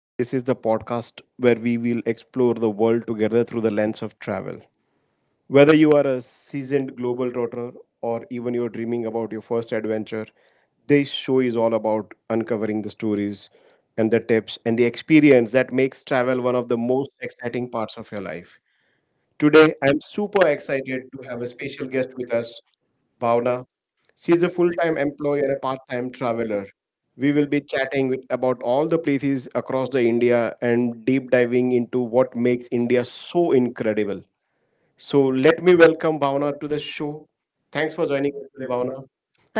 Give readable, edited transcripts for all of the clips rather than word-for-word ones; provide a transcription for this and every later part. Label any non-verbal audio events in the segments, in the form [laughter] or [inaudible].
and this is the podcast where we will explore the world together through the lens of travel. Whether you are a seasoned global trotter or even you're dreaming about your first adventure, this show is all about uncovering the stories and the tips and the experience that makes travel one of the most exciting parts of your life. Today, I'm super excited to have a special guest with us, Bhavna. She is a full time employee and a part time traveler. We will be about all the places across the India and deep diving into what makes India so incredible. So let me welcome Bhavna to the show. Thanks for joining me, Bhavna.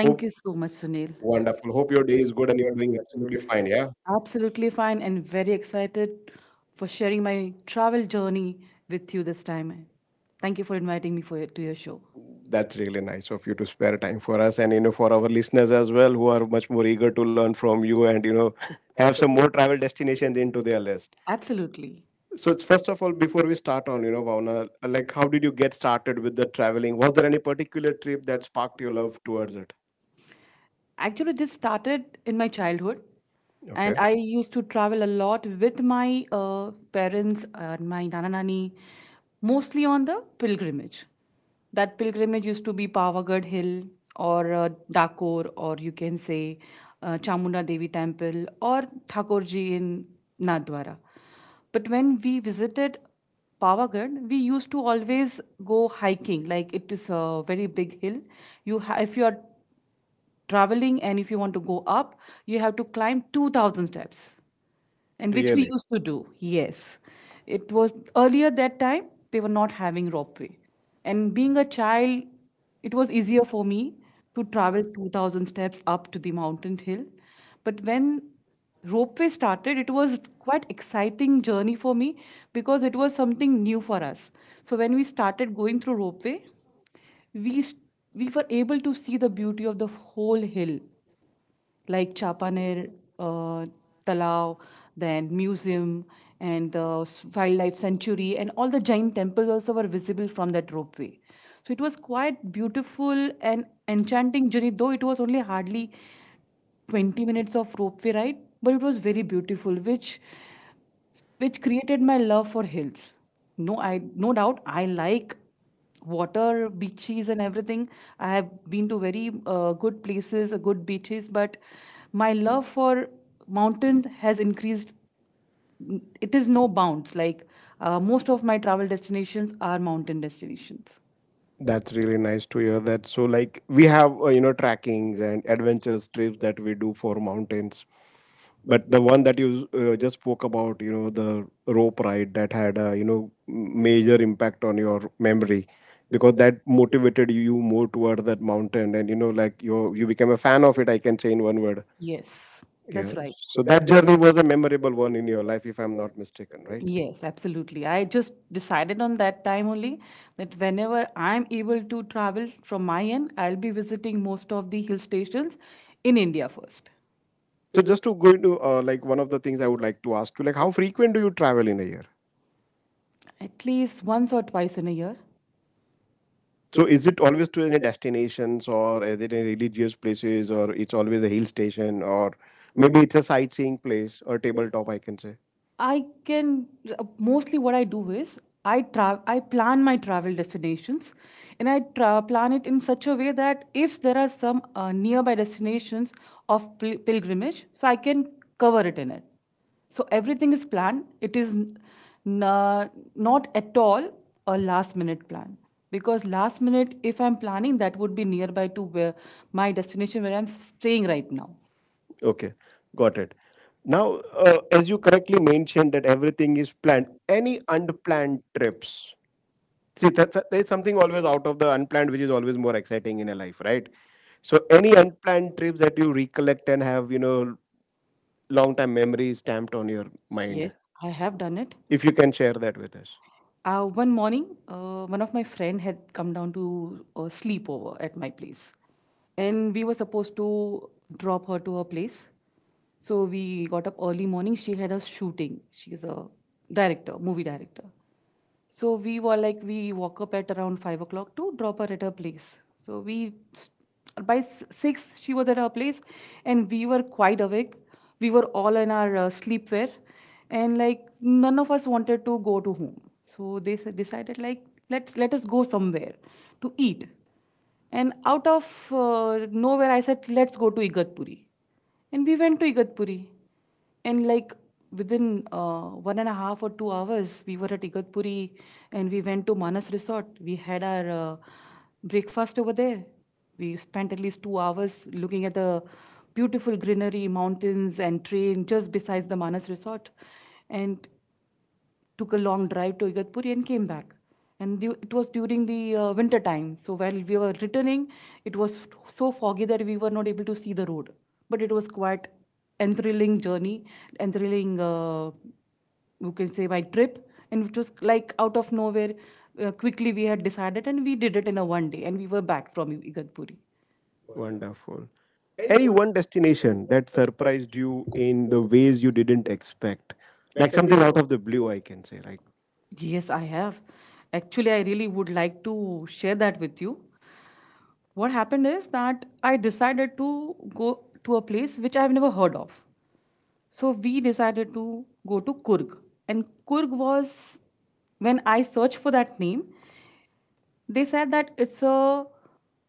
Hope, you so much, Sunil. wonderful. Hope your day is good and you're doing absolutely fine. Yeah. Absolutely fine and very excited for sharing my travel journey with you this time. Thank you for inviting me to your show. That's really nice of you to spare time for us and, you know, for our listeners as well who are much more eager to learn from you and, [laughs] have some more travel destinations into their list. Absolutely. So it's, first of all, before we start on, you know, Vauna, like how did you get started with the traveling? Was there any particular trip that sparked your love towards it? Actually, this started in my childhood, and Okay, I used to travel a lot with my parents and my nana nani, mostly on the pilgrimage. That pilgrimage used to be Pavagadh Hill or Dakor, or you can say Chamunda Devi Temple or Thakurji in Nadwara. But when we visited Pavagadh, we used to always go hiking. Like it is a very big hill. If you are traveling and if you want to go up, you have to climb 2000 steps, and which, yes, we really, used to do. Yes, it was earlier, that time they were not having ropeway, and being a child it was easier for me to travel 2000 steps up to the mountain hill. But when ropeway started, it was quite exciting journey for me because it was something new for us. So when we started going through ropeway, we s- we were able to see the beauty of the whole hill, like Chapaner, uh, Talao, then museum and wildlife sanctuary, and all the giant temples also were visible from that ropeway. So it was quite beautiful and enchanting journey, though it was only hardly 20 minutes of ropeway ride, but it was very beautiful, which created my love for hills. No, I no doubt I like water, beaches, and everything. I have been to very good places, good beaches, but my love for mountains has increased. It is no bounds. Like most of my travel destinations are mountain destinations. that's really nice to hear that. So like we have, you know, trackings and adventures trips that we do for mountains, but the one that you just spoke about, you know, the rope ride that had, a you know, major impact on your memory because that motivated you more toward that mountain, and, you know, like you became a fan of it, I can say, in one word. Yes, that's Yeah. right. the So that journey was a memorable one in your life, if I'm not mistaken, right? Yes, absolutely. I just decided on that time only that whenever I'm able to travel from my end, I'll be visiting most of the hill stations in India first, So just to go into, like, one of the things I would like to ask you, like how frequent do you travel in a year? at least once or twice in a year. So is it always to any destinations or is it in religious places or it's always a hill station or maybe it's a sightseeing place or tabletop, I can say. I can Mostly what I do is I plan my travel destinations, and plan it in such a way that if there are some nearby destinations of pilgrimage, so I can cover it in it. So everything is planned. It is n- uh, not at all a last minute plan, because last minute, if I'm planning, that would be nearby to where my destination where I'm staying right now. Okay, got it. Now, as you correctly mentioned that everything is planned, any unplanned trips? See, there's something always out of the unplanned, which is always more exciting in a life, right? So, any unplanned trips that you recollect and have, you know, long time memories stamped on your mind, Yes, I have done it. if you can share that with us. One morning, one of my friend had come down to sleep over at my place, and we were supposed to drop her to her place. So we got up early morning. She had a shooting. She is a director, movie director. So we were like, we woke up at around 5 o'clock to drop her at her place. So we, s- by s- six, she was at her place, and we were quite awake. We were all in our sleepwear, and like none of us wanted to go to home. So decided like let's, let us go somewhere to eat. And out of nowhere, I said, let's go to Igatpuri. And we went to Igatpuri. And like within one and a half or 2 hours, we were at Igatpuri, and we went to Manas Resort. We had our breakfast over there. We spent at least 2 hours looking at the beautiful greenery, mountains, and train just besides the Manas Resort. And took a long drive to Igatpuri and came back. And it was during the winter time. So while we were returning, it was so foggy that we were not able to see the road. But it was quite enthralling journey, enthralling, you can say, my trip. And it was like out of nowhere, quickly we had decided and we did it in a one day. And we were back from Igatpuri. Wonderful. Any one destination that surprised you in the ways you didn't expect, like something out of the blue, I can say, like. Yes, I have. Actually, I really would like to share that with you. What happened is that I decided to go to a place which I've never heard of. So we decided to go to Kurg. And Kurg was, when I searched for that name, they said that it's a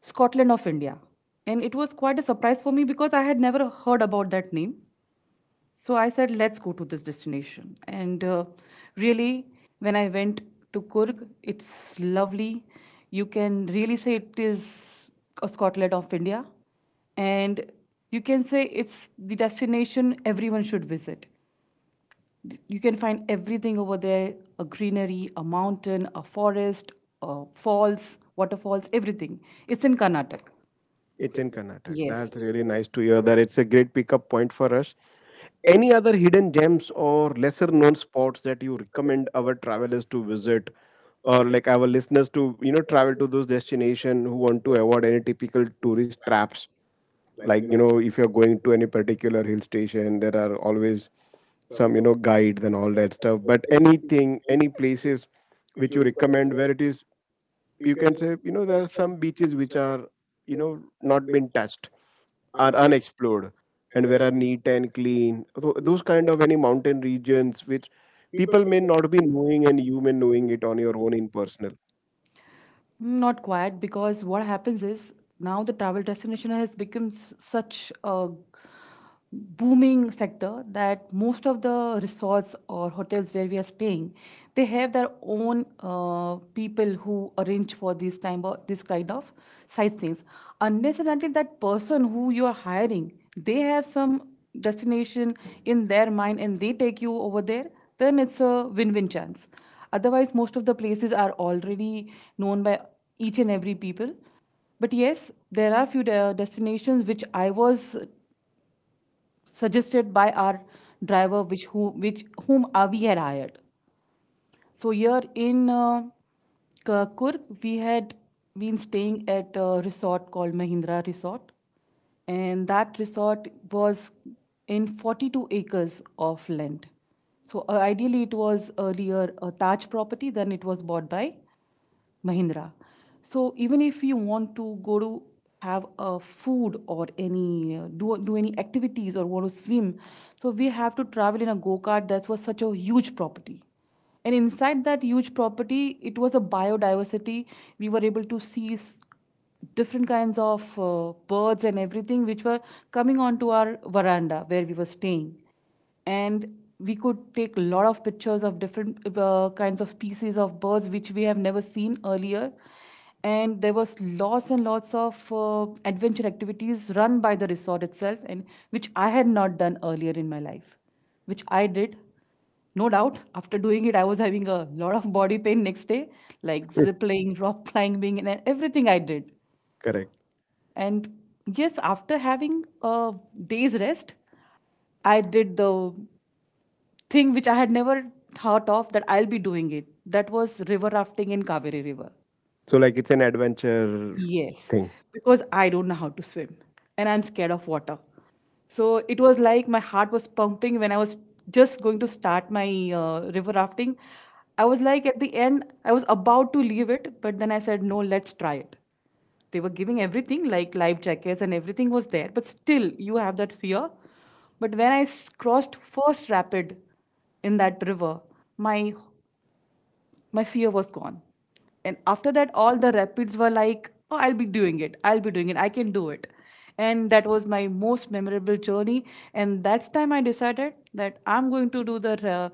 Scotland of India. And it was quite a surprise for me because I had never heard about that name. So I said, let's go to this destination. And really, when I went to Kurg, it's lovely. You can really say it is a Scotland of India. And you can say it's the destination everyone should visit. You can find everything over there, a greenery, a mountain, a forest, falls, waterfalls, everything. It's in Karnataka. It's in Karnataka. Yes. That's really nice to hear that. It's a great pickup point for us. Any other hidden gems or lesser known spots that you recommend our travelers to visit or like our listeners to, you know, travel to those destinations who want to avoid any typical tourist traps? Like, you know, if you're going to any particular hill station, there are always some, you know, guides and all that stuff. But anything, any places which you recommend where it is, you can say, you know, there are some beaches which are, you know, not been touched, are unexplored, and where are neat and clean. Those kind of any mountain regions which people may not be knowing and you may knowing it on your own in personal. Not quite, because what happens is, now the travel destination has become such a booming sector that most of the resorts or hotels where we are staying, they have their own people who arrange for this time of this kind of sightseeings. Unless and until that person who you are hiring, they have some destination in their mind and they take you over there, then it's a win-win chance. Otherwise, most of the places are already known by each and every people. But yes, there are few destinations which I was suggested by our driver which who which whom we had hired. So here in Kurk, we had been staying at a resort called Mahindra Resort, and that resort was in 42 acres of land. So ideally it was earlier a Taj property, then it was bought by Mahindra. So even if you want to go to have a food or any do any activities or want to swim, so we have to travel in a go kart. That was such a huge property. And inside that huge property, it was a biodiversity. We were able to see different kinds of birds and everything which were coming onto our veranda where we were staying, and we could take a lot of pictures of different kinds of species of birds which we have never seen earlier. And there was lots and lots of adventure activities run by the resort itself, and which I had not done earlier in my life, which I did. No doubt, after doing it, I was having a lot of body pain next day, like zipping, rock climbing, and everything I did. [laughs] Correct. And yes, after having a day's rest, I did the thing which I had never thought of that I'll be doing it. That was river rafting in Kaveri River. So like it's an adventure Yes. Okay. thing. Because I don't know how to swim and I'm scared of water. So it was like my heart was pumping when I was just going to start my river rafting. I was like, at the end, I was about to leave it, but then I said, no, let's try it. They were giving everything, like life jackets and everything was there, but still, you have that fear. But when I crossed first rapid in that river, my my fear was gone. And after that, all the rapids were like, oh, I'll be doing it, I'll be doing it, I can do it. And that was my most memorable journey. And that's time I decided that I'm going to do the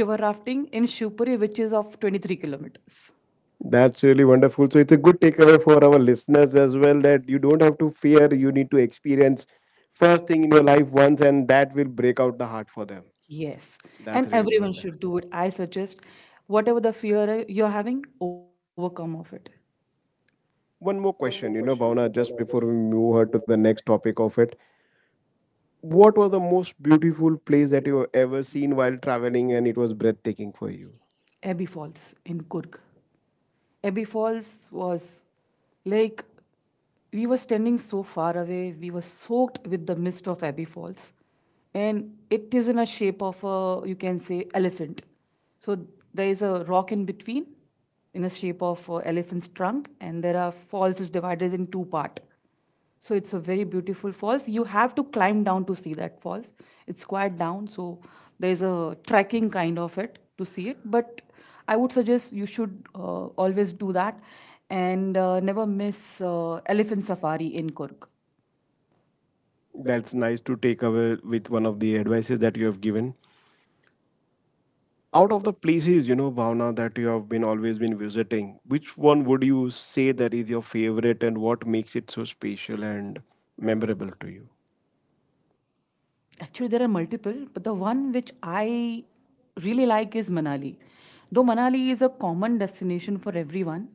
river rafting in Shupuri, which is of 23 kilometers. That's really wonderful. So it's a good takeaway for our listeners as well that you don't have to fear, you need to experience first thing in your life once, and that will break out the heart for them. Yes, That's and really everyone wonderful. should do it, I suggest, whatever the fear you're having, overcome of it. One more question, you know, Bhavna, just before we move her to the next topic of it. What was the most beautiful place that you have ever seen while traveling and it was breathtaking for you? Abbey Falls in Kurg. Abbey Falls was like, we were standing so far away, we were soaked with the mist of Abbey Falls. And it is in a shape of a, you can say, elephant. So there is a rock in between in a shape of a elephant's trunk, and there are falls is divided in two part. So it's a very beautiful falls. You have to climb down to see that falls. It's quite down, so there's a trekking kind of it to see it. But I would suggest you should always do that, and never miss elephant safari in Kurg. That's nice to take away with one of the advices that you have given. Out of the places, you know, Bhavna, that you have been always been visiting, which one would you say that is your favorite and what makes it so special and memorable to you? Actually, there are multiple, but the one which I really like is Manali. Though Manali is a common destination for everyone,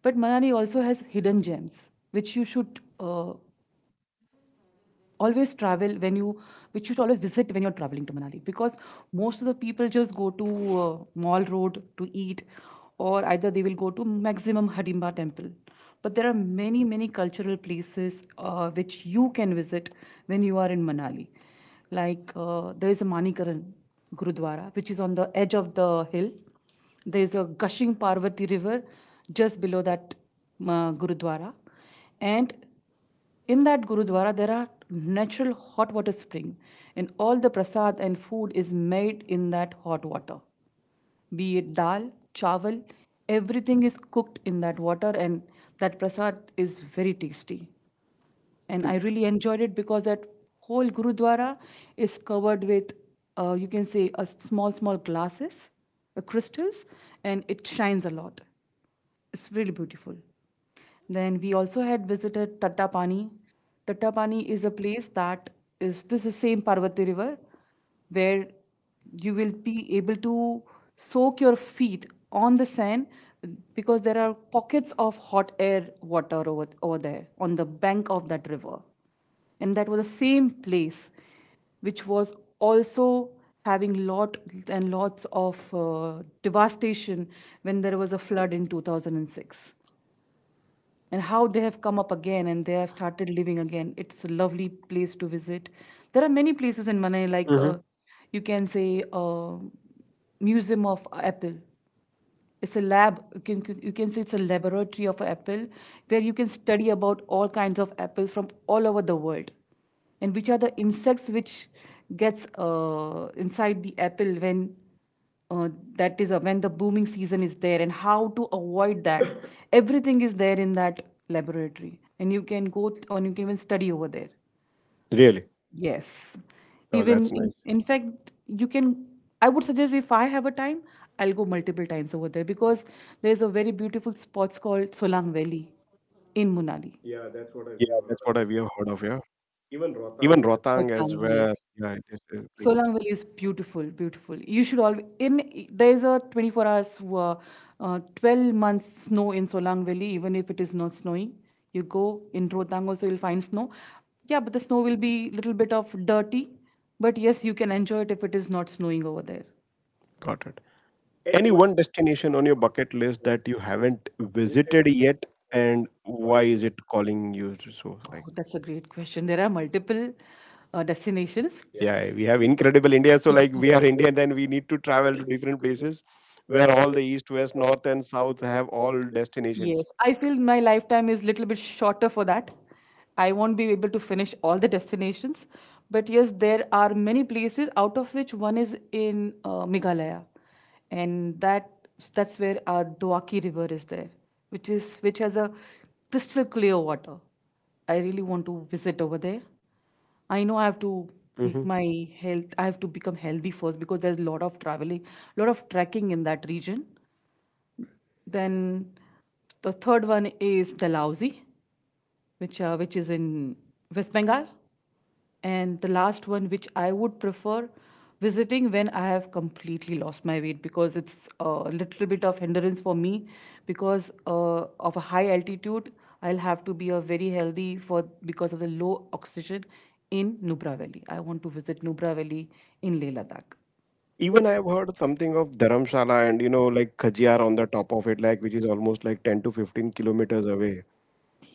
but Manali also has hidden gems which you should always travel when you, which you should always visit when you're traveling to Manali. Because most of the people just go to Mall Road to eat, or either they will go to maximum Hadimba temple. But there are many, many cultural places which you can visit when you are in Manali. Like there is a Manikaran Gurudwara, which is on the edge of the hill. There is a gushing Parvati river just below that Gurudwara, and in that Gurudwara there are natural hot water spring, and all the prasad and food is made in that hot water. Be it dal, chawal, everything is cooked in that water, and that prasad is very tasty, and I really enjoyed it because that whole Gurudwara is covered with, you can say, a small, small glasses, crystals, and it shines a lot. It's really beautiful. Then we also had visited Tattapani. Tattapani is a place that is same Parvati River where you will be able to soak your feet on the sand because there are pockets of hot air water over there on the bank of that river, and that was the same place which was also having lot and lots of devastation when there was a flood in 2006, and how they have come up again and they have started living again. It's a lovely place to visit. There are many places in Manali, like Hmm. You can say, uh, museum of apple. It's a lab, you can say it's a laboratory of apple where you can study about all kinds of apples from all over the world, and which are the insects which gets inside the apple when uh, that is, when the booming season is there, and how to avoid that. [coughs] Everything is there in that laboratory, and you can and you can even study over there. Really? Yes. So Oh, even that's nice. in fact, you can, I would suggest if I have a time, I'll go multiple times over there because there's a very beautiful spot called Solang Valley in Munali. Yeah, that's what we have heard of, yeah. Even Rotang as Solang, well. yeah. Yes. Yeah, it is like. Solang Valley is beautiful, beautiful. You should always, there's a 24 hours, 12 months snow in Solang Valley, even if it is not snowing. You go in Rotang also, you'll find snow. Yeah, but the snow will be little bit of dirty. But yes, you can enjoy it if it is not snowing over there. Got it. Any one destination on your bucket list that you haven't visited yet, and why is it calling you to so? Oh, Like, that's a great question. There are multiple destinations. yeah, we have incredible India, so like we are Indian, then we need to travel to different places where all the east, west, north, and south have all destinations. Yes, I feel my lifetime is little bit shorter for that. I won't be able to finish all the destinations, but yes, there are many places out of which one is in Meghalaya, and that's where our Doaki River is there, which is which has a crystal clear water. I really want to visit over there. I know I have to make Hmm. Mhm. my health. I have to become healthy first because there's a lot of traveling, lot of trekking in that region. Then the third one is Dalhousie, which is in West Bengal, and the last one which I would prefer visiting when I have completely lost my weight, because it's a little bit of hindrance for me because of a high altitude. I'll have to be a very healthy for because of the low oxygen in Nubra Valley. I want to visit Nubra Valley in Leh Ladakh. Even I have heard something of Dharamshala and, you know, like Khajiyar on the top of it, like which is almost like 10 to 15 kilometers away.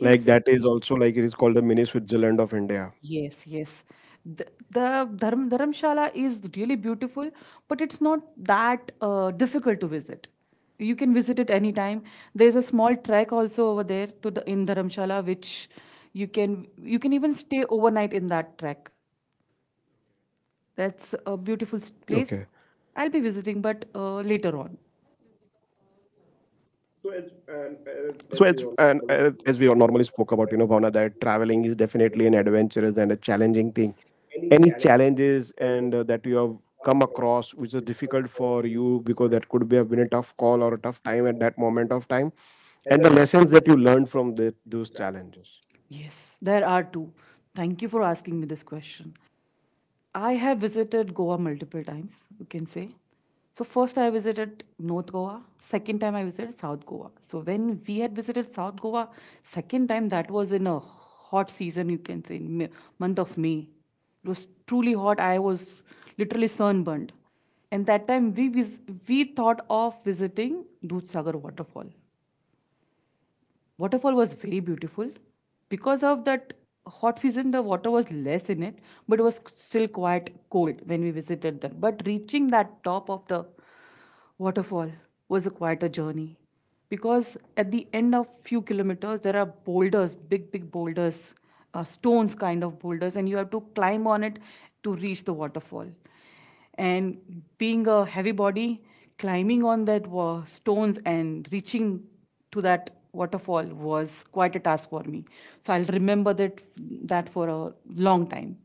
Like that is also like it is called the mini Switzerland of India. Yes, yes. Dharamshala is really beautiful, but it's not that difficult to visit. You can visit it anytime. There's a small trek also over there to the in Dharamshala, which you can even stay overnight in that trek. Okay. That's a place. I'll be visiting, but later on. So as and, as we all normally spoke about, you know, Bhavna, that traveling is definitely an adventurous and a challenging thing. Any challenges and, that you have come across, which is difficult for you because that could be have been a tough call or a tough time at that moment of time, and the lessons that you learned from those challenges. Yes, there are two. Thank you for asking me this question. I have visited Goa multiple times, you can say. So first I visited North Goa, second time I visited South Goa. So when we had visited South Goa second time, that was in a hot season, you can say, in May, month of May. It was truly hot. I was literally sunburned. And that time we thought of visiting Dudh waterfall. Waterfall was very beautiful. Because of that hot season, the water was less in it, but it was still quite cold when we visited there. But reaching that top of the waterfall was a quite a journey, because at the end of few kilometers there are boulders, big big boulders, stones kind of boulders, and you have to climb on it to reach the waterfall. And being a heavy body, climbing on that stones and reaching to that waterfall was quite a task for me. So I'll remember that for a long time.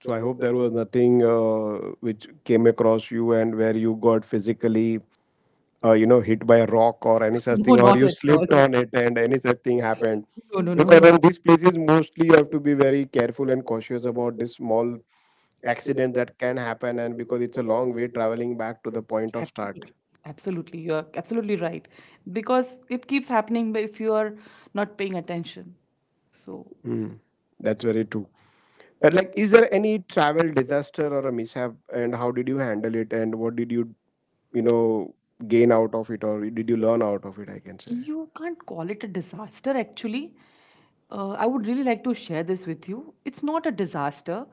So I hope there was nothing, which came across you and where you got physically, you know, hit by a rock or any [laughs] such No, thing or not you at slipped all. on it and any such thing happened No, no, because no, in these places mostly you have to be very careful and no. [laughs] cautious about this small accident that can happen, and because it's a long way traveling back to the point of start. Point. Absolutely, you are absolutely right, because it keeps happening but if you are not paying attention. So Hmm. That's very true. But like, is there any travel disaster or a mishap and how did you handle it and what did you, you know, gain out of it or did you learn out of it, I can say. you can't call it a disaster actually. I would really like to share this with you. It's not a disaster.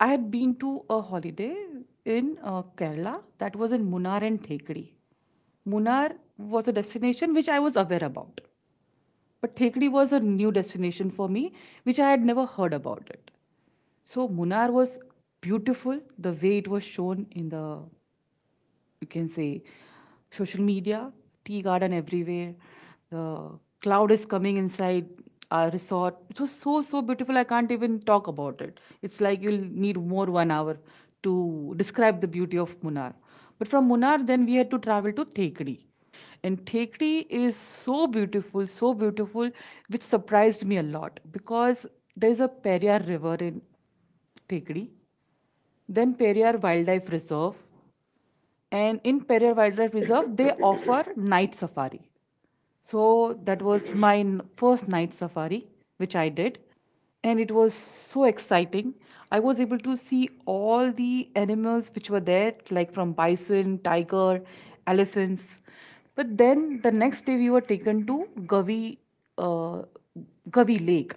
I had been to a holiday in Kerala. That was in Munnar and Thekri. Munnar was a destination which I was aware about. But Thekdi was a new destination for me, which I had never heard about it. So Munnar was beautiful, the way it was shown in the, you can say, social media, tea garden everywhere. The cloud is coming inside our resort. It was so so beautiful. I can't even talk about it. It's like you'll need more 1 hour to describe the beauty of Munnar. But from Munnar, then we had to travel to Thekdi. And Thekri is so beautiful, which surprised me a lot because there is a Periyar River in Thekri, then Periyar Wildlife Reserve, and in Perrier Wildlife Reserve, they [laughs] offer night safari. So that was first night safari, which I did. And it was so exciting. I was able to see all the animals which were there, like from bison, tiger, elephants. But then the next day, we were taken to Gavi, uh, Gavi Lake.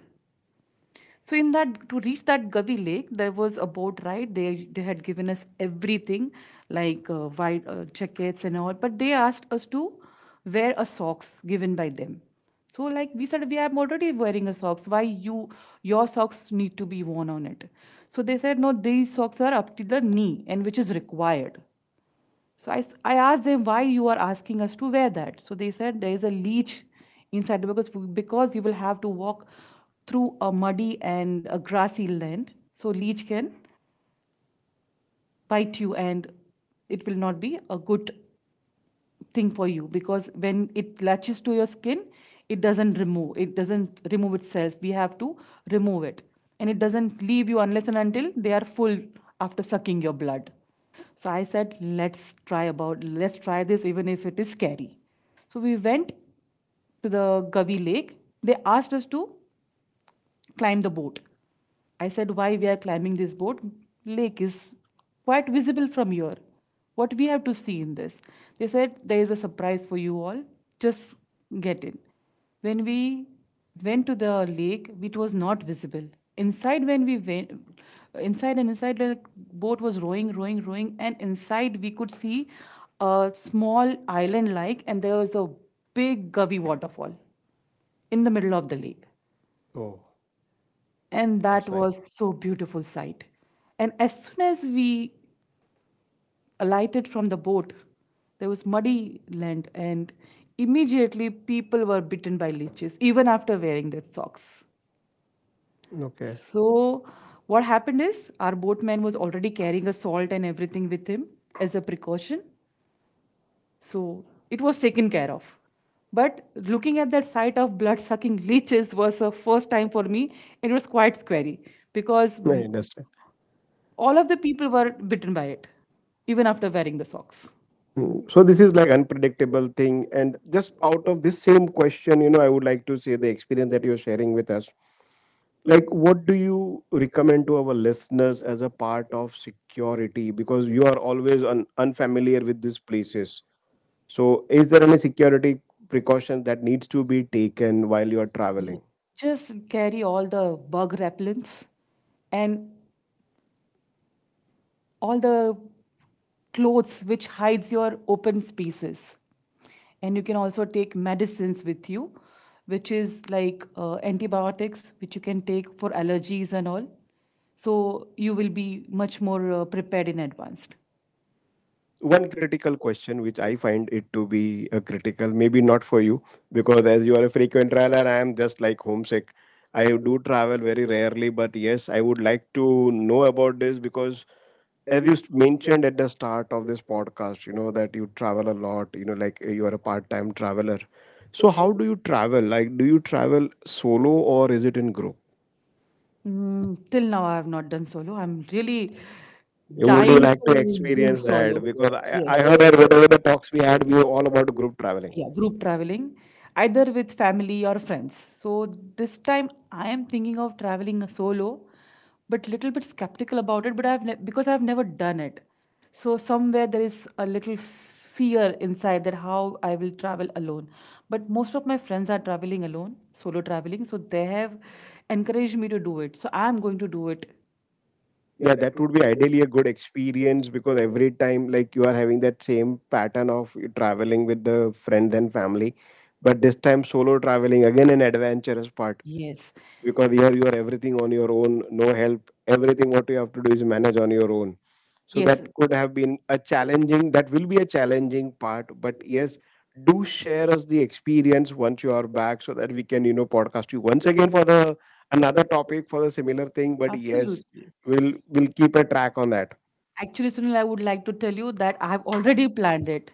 So in that, to reach that Gavi Lake, there was a boat ride. They had given us everything like white jackets and all, but they asked us to wear a socks given by them. So like we said, we are already wearing a socks. Why you your socks need to be worn on it? So they said no, these socks are up to the knee and which is required. So I asked them why you are asking us to wear that. So they said there is a leech inside the, because you will have to walk through a muddy and a grassy land. So leech can bite you, and it will not be a good thing for you, because when it latches to your skin, it doesn't remove itself. We have to remove it, and it doesn't leave you unless and until they are full after sucking your blood. So I said, let's try about let's try this, even if it is scary. So we went to the Gavi Lake. They asked us to climb the boat. I said, why we are climbing this boat? Lake is quite visible from here. What we have to see in this? They said, there is a surprise for you all. Just get in. When we went to the lake, it was not visible. Inside, when we went, inside and inside, the boat was rowing, and inside we could see a small island like, and there was a big Gavi waterfall in the middle of the lake, Oh, and that that's nice. was so beautiful sight. And as soon as we alighted from the boat, there was muddy land, and immediately people were bitten by leeches even after wearing their socks. Okay. So what happened is our boatman was already carrying a salt and everything with him as a precaution, so it was taken care of. But looking at that sight of blood sucking leeches was a first time for me. And it was quite scary because [laughs] I understand. all of the people were bitten by it, even after wearing the socks. Mm, so this is like unpredictable thing, and just out of this same question, you know, I would like to say the experience that you're sharing with us. Like, what do you recommend to our listeners as a part of security? Because you are always unfamiliar with these places. So, is there any security precaution that needs to be taken while you are Yeah. traveling? Just carry all the bug repellents and all the clothes which hides your open spaces. And you can also take medicines with you, which is like antibiotics, which you can take for allergies and all. So you will be much more prepared in advance. One critical question which I find it to be a critical, maybe not for you, because as you are a frequent traveler, I am just like homesick, I do travel very rarely, but yes, I would like to know about this because as you mentioned at the start of this podcast, you know, that you travel a lot, you know, like, you are a part-time traveler, so how do you travel? Like, do you travel solo or is it in group? Mm, till now, I have not done solo. I'm really Would you dying like to do experience solo. that because I heard that whatever the talks we had, we were all about group Yes. traveling. Yeah, group traveling, either with family or friends. So this time I am thinking of traveling solo, but little bit skeptical about it. Because I've never done it, so somewhere there is a little fear inside that how I will travel alone. But most of my friends are traveling alone, solo traveling, so they have encouraged me to do it. So I'm going to do it. Yeah, that would be ideally a good experience because every time, like, you are having that same pattern of you traveling with the friends and family, but this time solo traveling, again an adventurous part, Yes, because here you are everything on your own, no help. Everything what you have to do is manage on your own, so yes, that, yes, could have been a yes, challenging, that will be a challenging part, but yes, do share us the experience once you are back so that we can, you know, podcast you once again for the another topic for the similar thing, but yes, absolutely. we'll keep a track on that. Actually, Sunil, I would like to tell you that I have already planned it,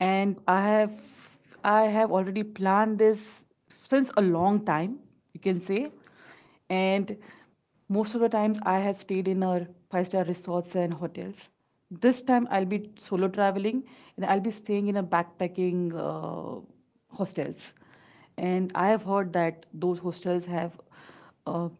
and I have already planned this since a long time, you can say, and most of the times I have stayed in our five-star resorts and hotels. This time I'll be solo traveling, and I'll be staying in a backpacking hostels, and I have heard that those hostels have uh,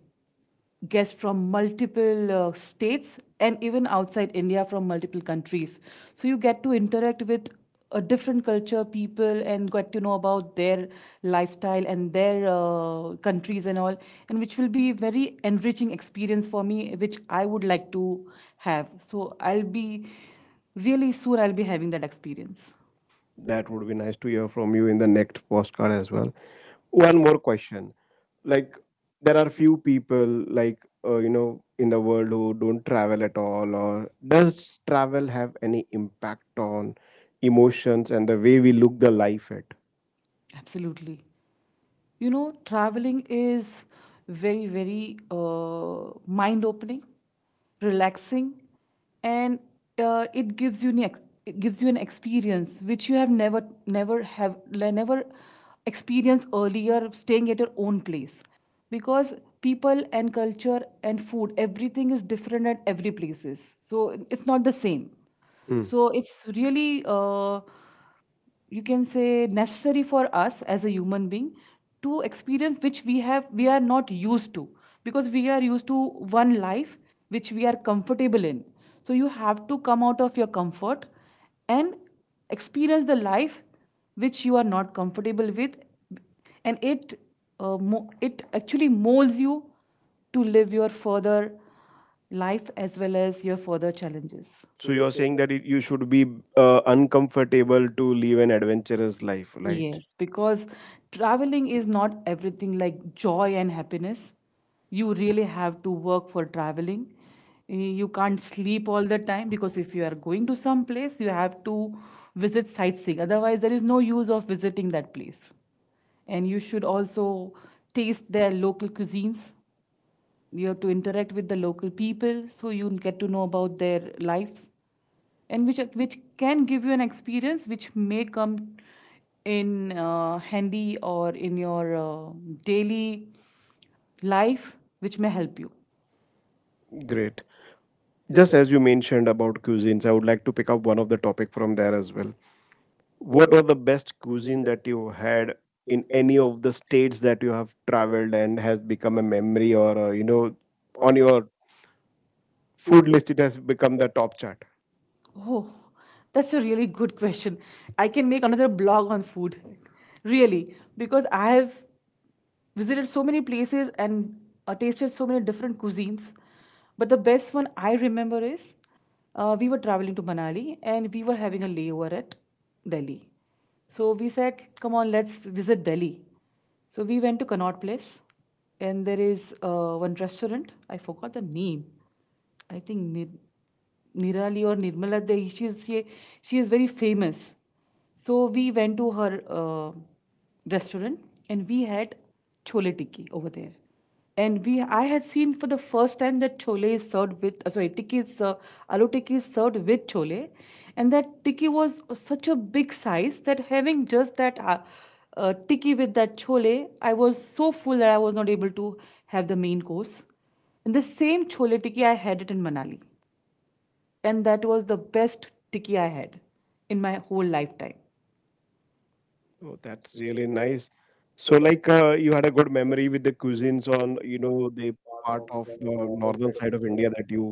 guests from multiple states and even outside India from multiple countries. So you get to interact with a different culture, people, and get to know about their lifestyle and their countries and all, and which will be very enriching experience for me, which I would like to have. So I'll be really soon. I'll be having that experience. That would be nice to hear from you in the next postcard as well. One more question. Like, there are few people like, you know, in the world who don't travel at all, or does travel have any impact on emotions and the way we look the life at. Absolutely. You know, traveling is very mind opening, relaxing, and it gives you an it gives you an experience which you have never never have le- never experienced earlier staying at your own place, because people and culture and food, everything is different at every places, so it's not the same. Hmm. So it's really you can say necessary for us as a human being to experience which we are not used to, because we are used to one life which we are comfortable in. So you have to come out of your comfort and experience the life which you are not comfortable with. And it it actually molds you to live your further life as well as your further challenges. So you're saying that it, you should be, uncomfortable to live an adventurous life, right? Yes, because traveling is not everything like joy and happiness. You really have to work for traveling. Y- You can't sleep all the time, because if you are going to some place, you have to visit sightseeing. Otherwise, there is no use of visiting that place. And you should also taste their local cuisines. You have to interact with the local people so you get to know about their lives, and which can give you an experience which may come in handy or in your daily life, which may help you. Great. Just as you mentioned about cuisines, I would like to pick up one of the topic from there as well. What was the best cuisine that you had in any of the states that you have traveled and has become a memory or, you know, on your food list it has become the top chart. Oh, that's a really good question. I can make another blog on food, really, because I have visited so many places and tasted so many different cuisines. But the best one I remember is we were traveling to Manali and we were having a layover at Delhi. So we said, come on, let's visit Delhi. So we went to Connaught Place, and there is one restaurant. I forgot the name. I think Nirali or Nirmala, she is very famous. So we went to her restaurant and we had chole tikki over there. And I had seen for the first time that chole is served with, sorry, tikki is, aloo tikki is served with chole. And that tikki was such a big size that having just that tikki with that chole, I was so full that I was not able to have the main course. And the same chole tikki, I had it in Manali, and that was the best tikki I had in my whole lifetime. Oh, that's really nice. So like, you had a good memory with the cuisines on, you know, the part of the northern side of India that you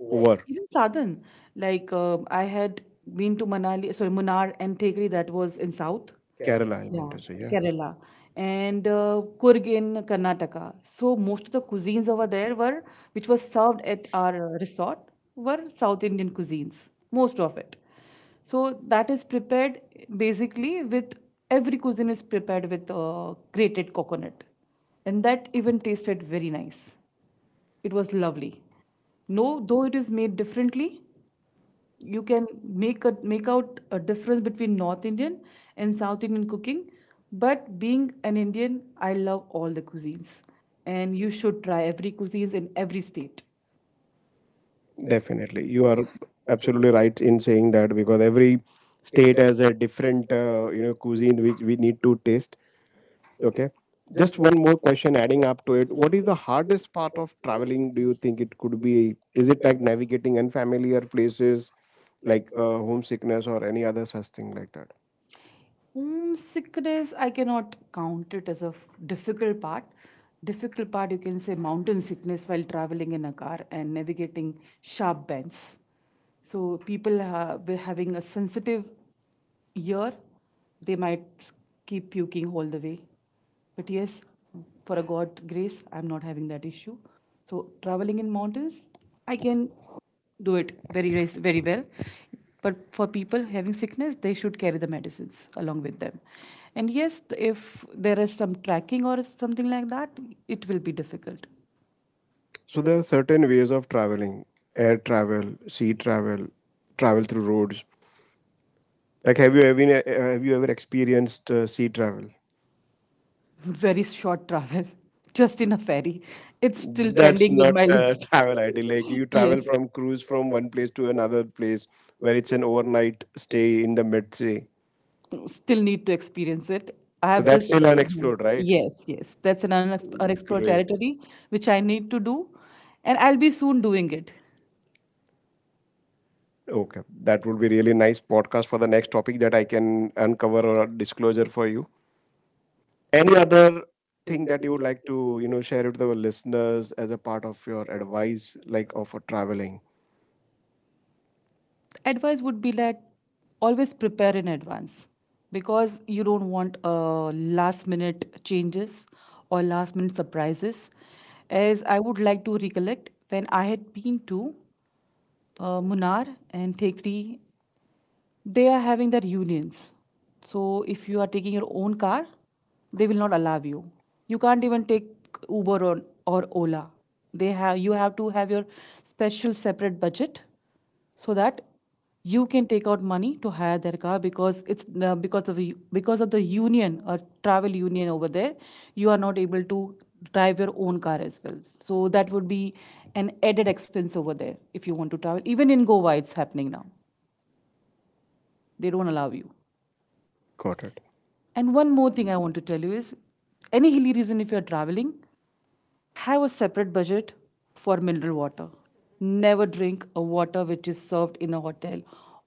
were. Even Sadan, like I had been to Manali, sorry, Munnar and Tekri, that was in South. Kerala, I mean to Yeah, say, yeah. Kerala and Kurg in Karnataka. So most of the cuisines over there were, which was served at our resort, were South Indian cuisines, most of it. So that is prepared basically with, every cuisine is prepared with grated coconut, and that even tasted very nice. It was lovely. No, though it is made differently, you can make out a difference between North Indian and South Indian cooking. But being an Indian, I love all the cuisines, and you should try every cuisines in every state. Definitely, you are absolutely right in saying that because every state has a different, you know, cuisine which we need to taste. Okay. Just one more question adding up to it. What is the hardest part of traveling? Do you think it could be? Is it like navigating unfamiliar places, like, homesickness or any other such thing like that? Homesickness, I cannot count it as a difficult part. Difficult part, you can say mountain sickness while traveling in a car and navigating sharp bends. So people were having a sensitive ear, they might s- keep puking all the way. But yes, for a God grace, I'm not having that issue. So traveling in mountains, I can do it very well. But for people having sickness, they should carry the medicines along with them. And yes, if there is some tracking or something like that, it will be difficult. So there are certain ways of traveling: air travel, sea travel, travel through roads. Like, have you ever, have you ever experienced sea travel? [laughs] Very short travel, [laughs] just in a ferry. It's still That's pending in not, my [laughs] list. travel idea. Like you [laughs] travel Yes. from cruise from one place to another place, where it's an overnight stay in the mid sea. Still need to experience it. I So have, that's that's just still, still mhm, unexplored, unexplored, right? right? Yes, yes, that's an unexplored, okay, Great. territory which I need to do, and I'll be soon doing it. Okay. That would be really nice podcast for the next topic that I can uncover or disclosure for you. Any other thing that you would like to, you know, share with our listeners as a part of your advice, like, of a traveling? Advice would be that always prepare in advance, because you don't want last minute changes or last minute surprises. As I would like to recollect, when I had been to Munnar and Thekri, they are having their unions. So if you are taking your own car, they will not allow you. You can't even take Uber or Ola. They have You have to have your special separate budget so that you can take out money to hire their car, because it's because of the union or travel union over there, you are not able to drive your own car as well. So that would be an added expense over there. If you want to travel, even in Goa it's happening now, they don't allow you. Got it. And one more thing I want to tell you is, any hilly region, if you're traveling, have a separate budget for mineral water. Never drink a water which is served in a hotel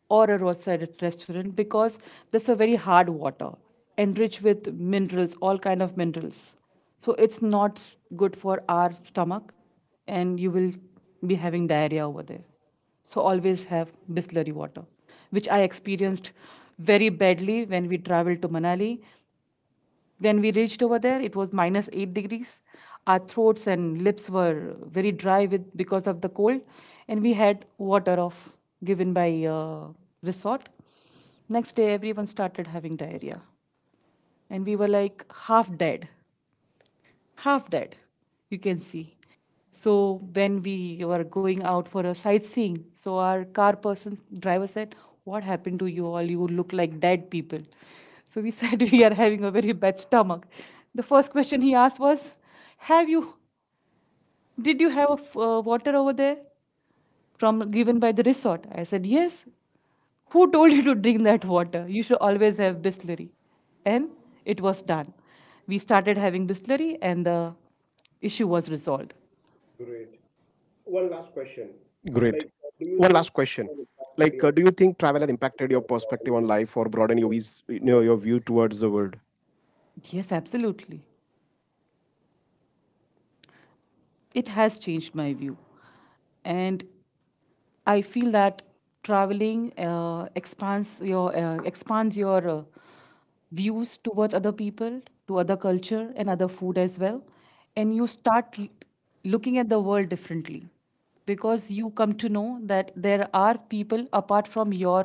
or a roadside restaurant, because that's a very hard water enriched with minerals, all kind of minerals. So it's not good for our stomach and you will be having diarrhea over there. So always have Bisleri water, which I experienced very badly when we traveled to Manali. When we reached over there, it was minus 8 degrees. Our throats and lips were very dry with because of the cold, and we had water off given by resort. Next day, everyone started having diarrhea, and we were like half dead, half that, you can see. So when we were going out for a sightseeing, so our car person driver said, what happened to you all, you look like dead people. So we said, [laughs] we are having a very bad stomach. The first question he asked was, have you did you have a f- water over there from given by the resort? I said yes. Who told you to drink that water? You should always have bisleri. And it was done. We started having bisleri and the issue was resolved. Great. One last question. Like, do you think travel has impacted your perspective on life or broaden your views, you know, your view towards the world? Yes, absolutely. It has changed my view. And I feel that traveling expands your views towards other people, to other culture and other food as well, and you start looking at the world differently, because you come to know that there are people apart from your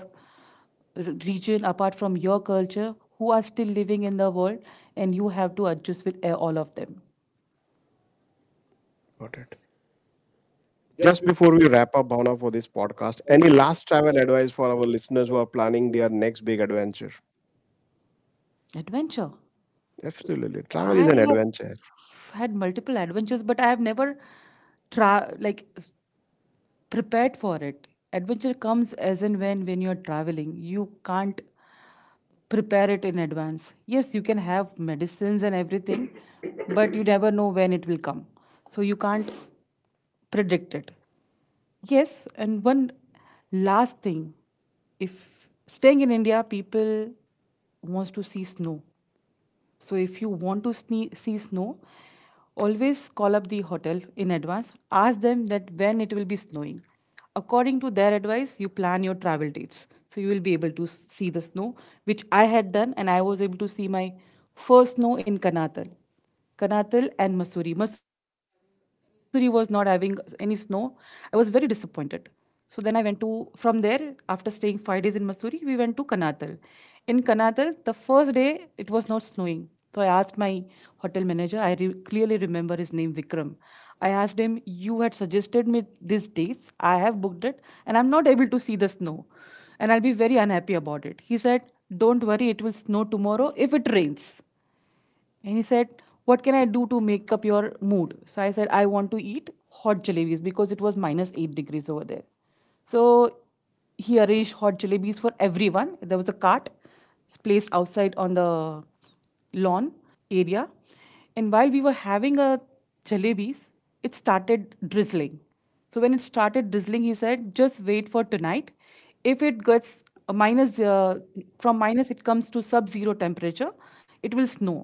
region, apart from your culture, who are still living in the world, and you have to adjust with all of them. Got it. Just before we wrap up, Bhavna, for this podcast, any last travel advice for our listeners who are planning their next big adventure? Adventure. Absolutely. Travel I is an adventure. have had multiple adventures, but I have never tra like s- prepared for it. Adventure comes as and when you're traveling. You can't prepare it in advance. Yes, you can have medicines and everything, but you never know when it will come. So you can't predict it. Yes, and one last thing. If staying in India, people wants to see snow. So if you want to see snow, always call up the hotel in advance. Ask them that when it will be snowing. According to their advice, you plan your travel dates. So you will be able to see the snow, which I had done, and I was able to see my first snow in Kanatal. Kanatal and Masuri. Masuri was not having any snow. I was very disappointed. So then I went to from there after staying 5 days in Missouri, we went to Kanatal. In Kanatal, the first day it was not snowing. So I asked my hotel manager. I clearly remember his name Vikram. I asked him, "You had suggested me these dates. I have booked it, and I'm not able to see the snow, and I'll be very unhappy about it." He said, "Don't worry, it will snow tomorrow if it rains." And he said, what can I do to make up your mood? So I said, I want to eat hot jalebis because it was minus 8 degrees over there. So he arranged hot jalebis for everyone. There was a cart placed outside on the lawn area. And while we were having a jalebis, it started drizzling. So when it started drizzling, he said, just wait for tonight, if it gets a minus from minus it comes to sub zero temperature, it will snow.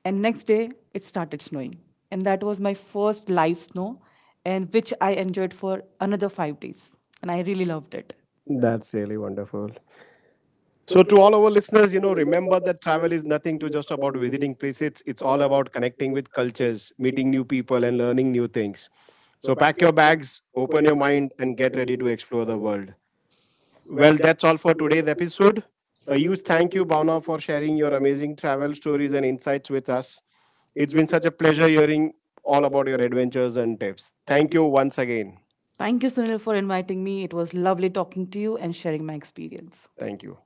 And next day it started snowing, and that was my first live snow, and which I enjoyed for another 5 days, and I really loved it. That's really wonderful. So to all our listeners, you know, remember that travel is nothing to just about visiting places. It's all about connecting with cultures, meeting new people and learning new things. So pack your bags, open your mind and get ready to explore the world. Well, that's all for today's episode. A huge thank you Bhavna for sharing your amazing travel stories and insights with us. It's been such a pleasure hearing all about your adventures and tips. Thank you once again. Thank you Sunil for inviting me, it was lovely talking to you and sharing my experience. Thank you.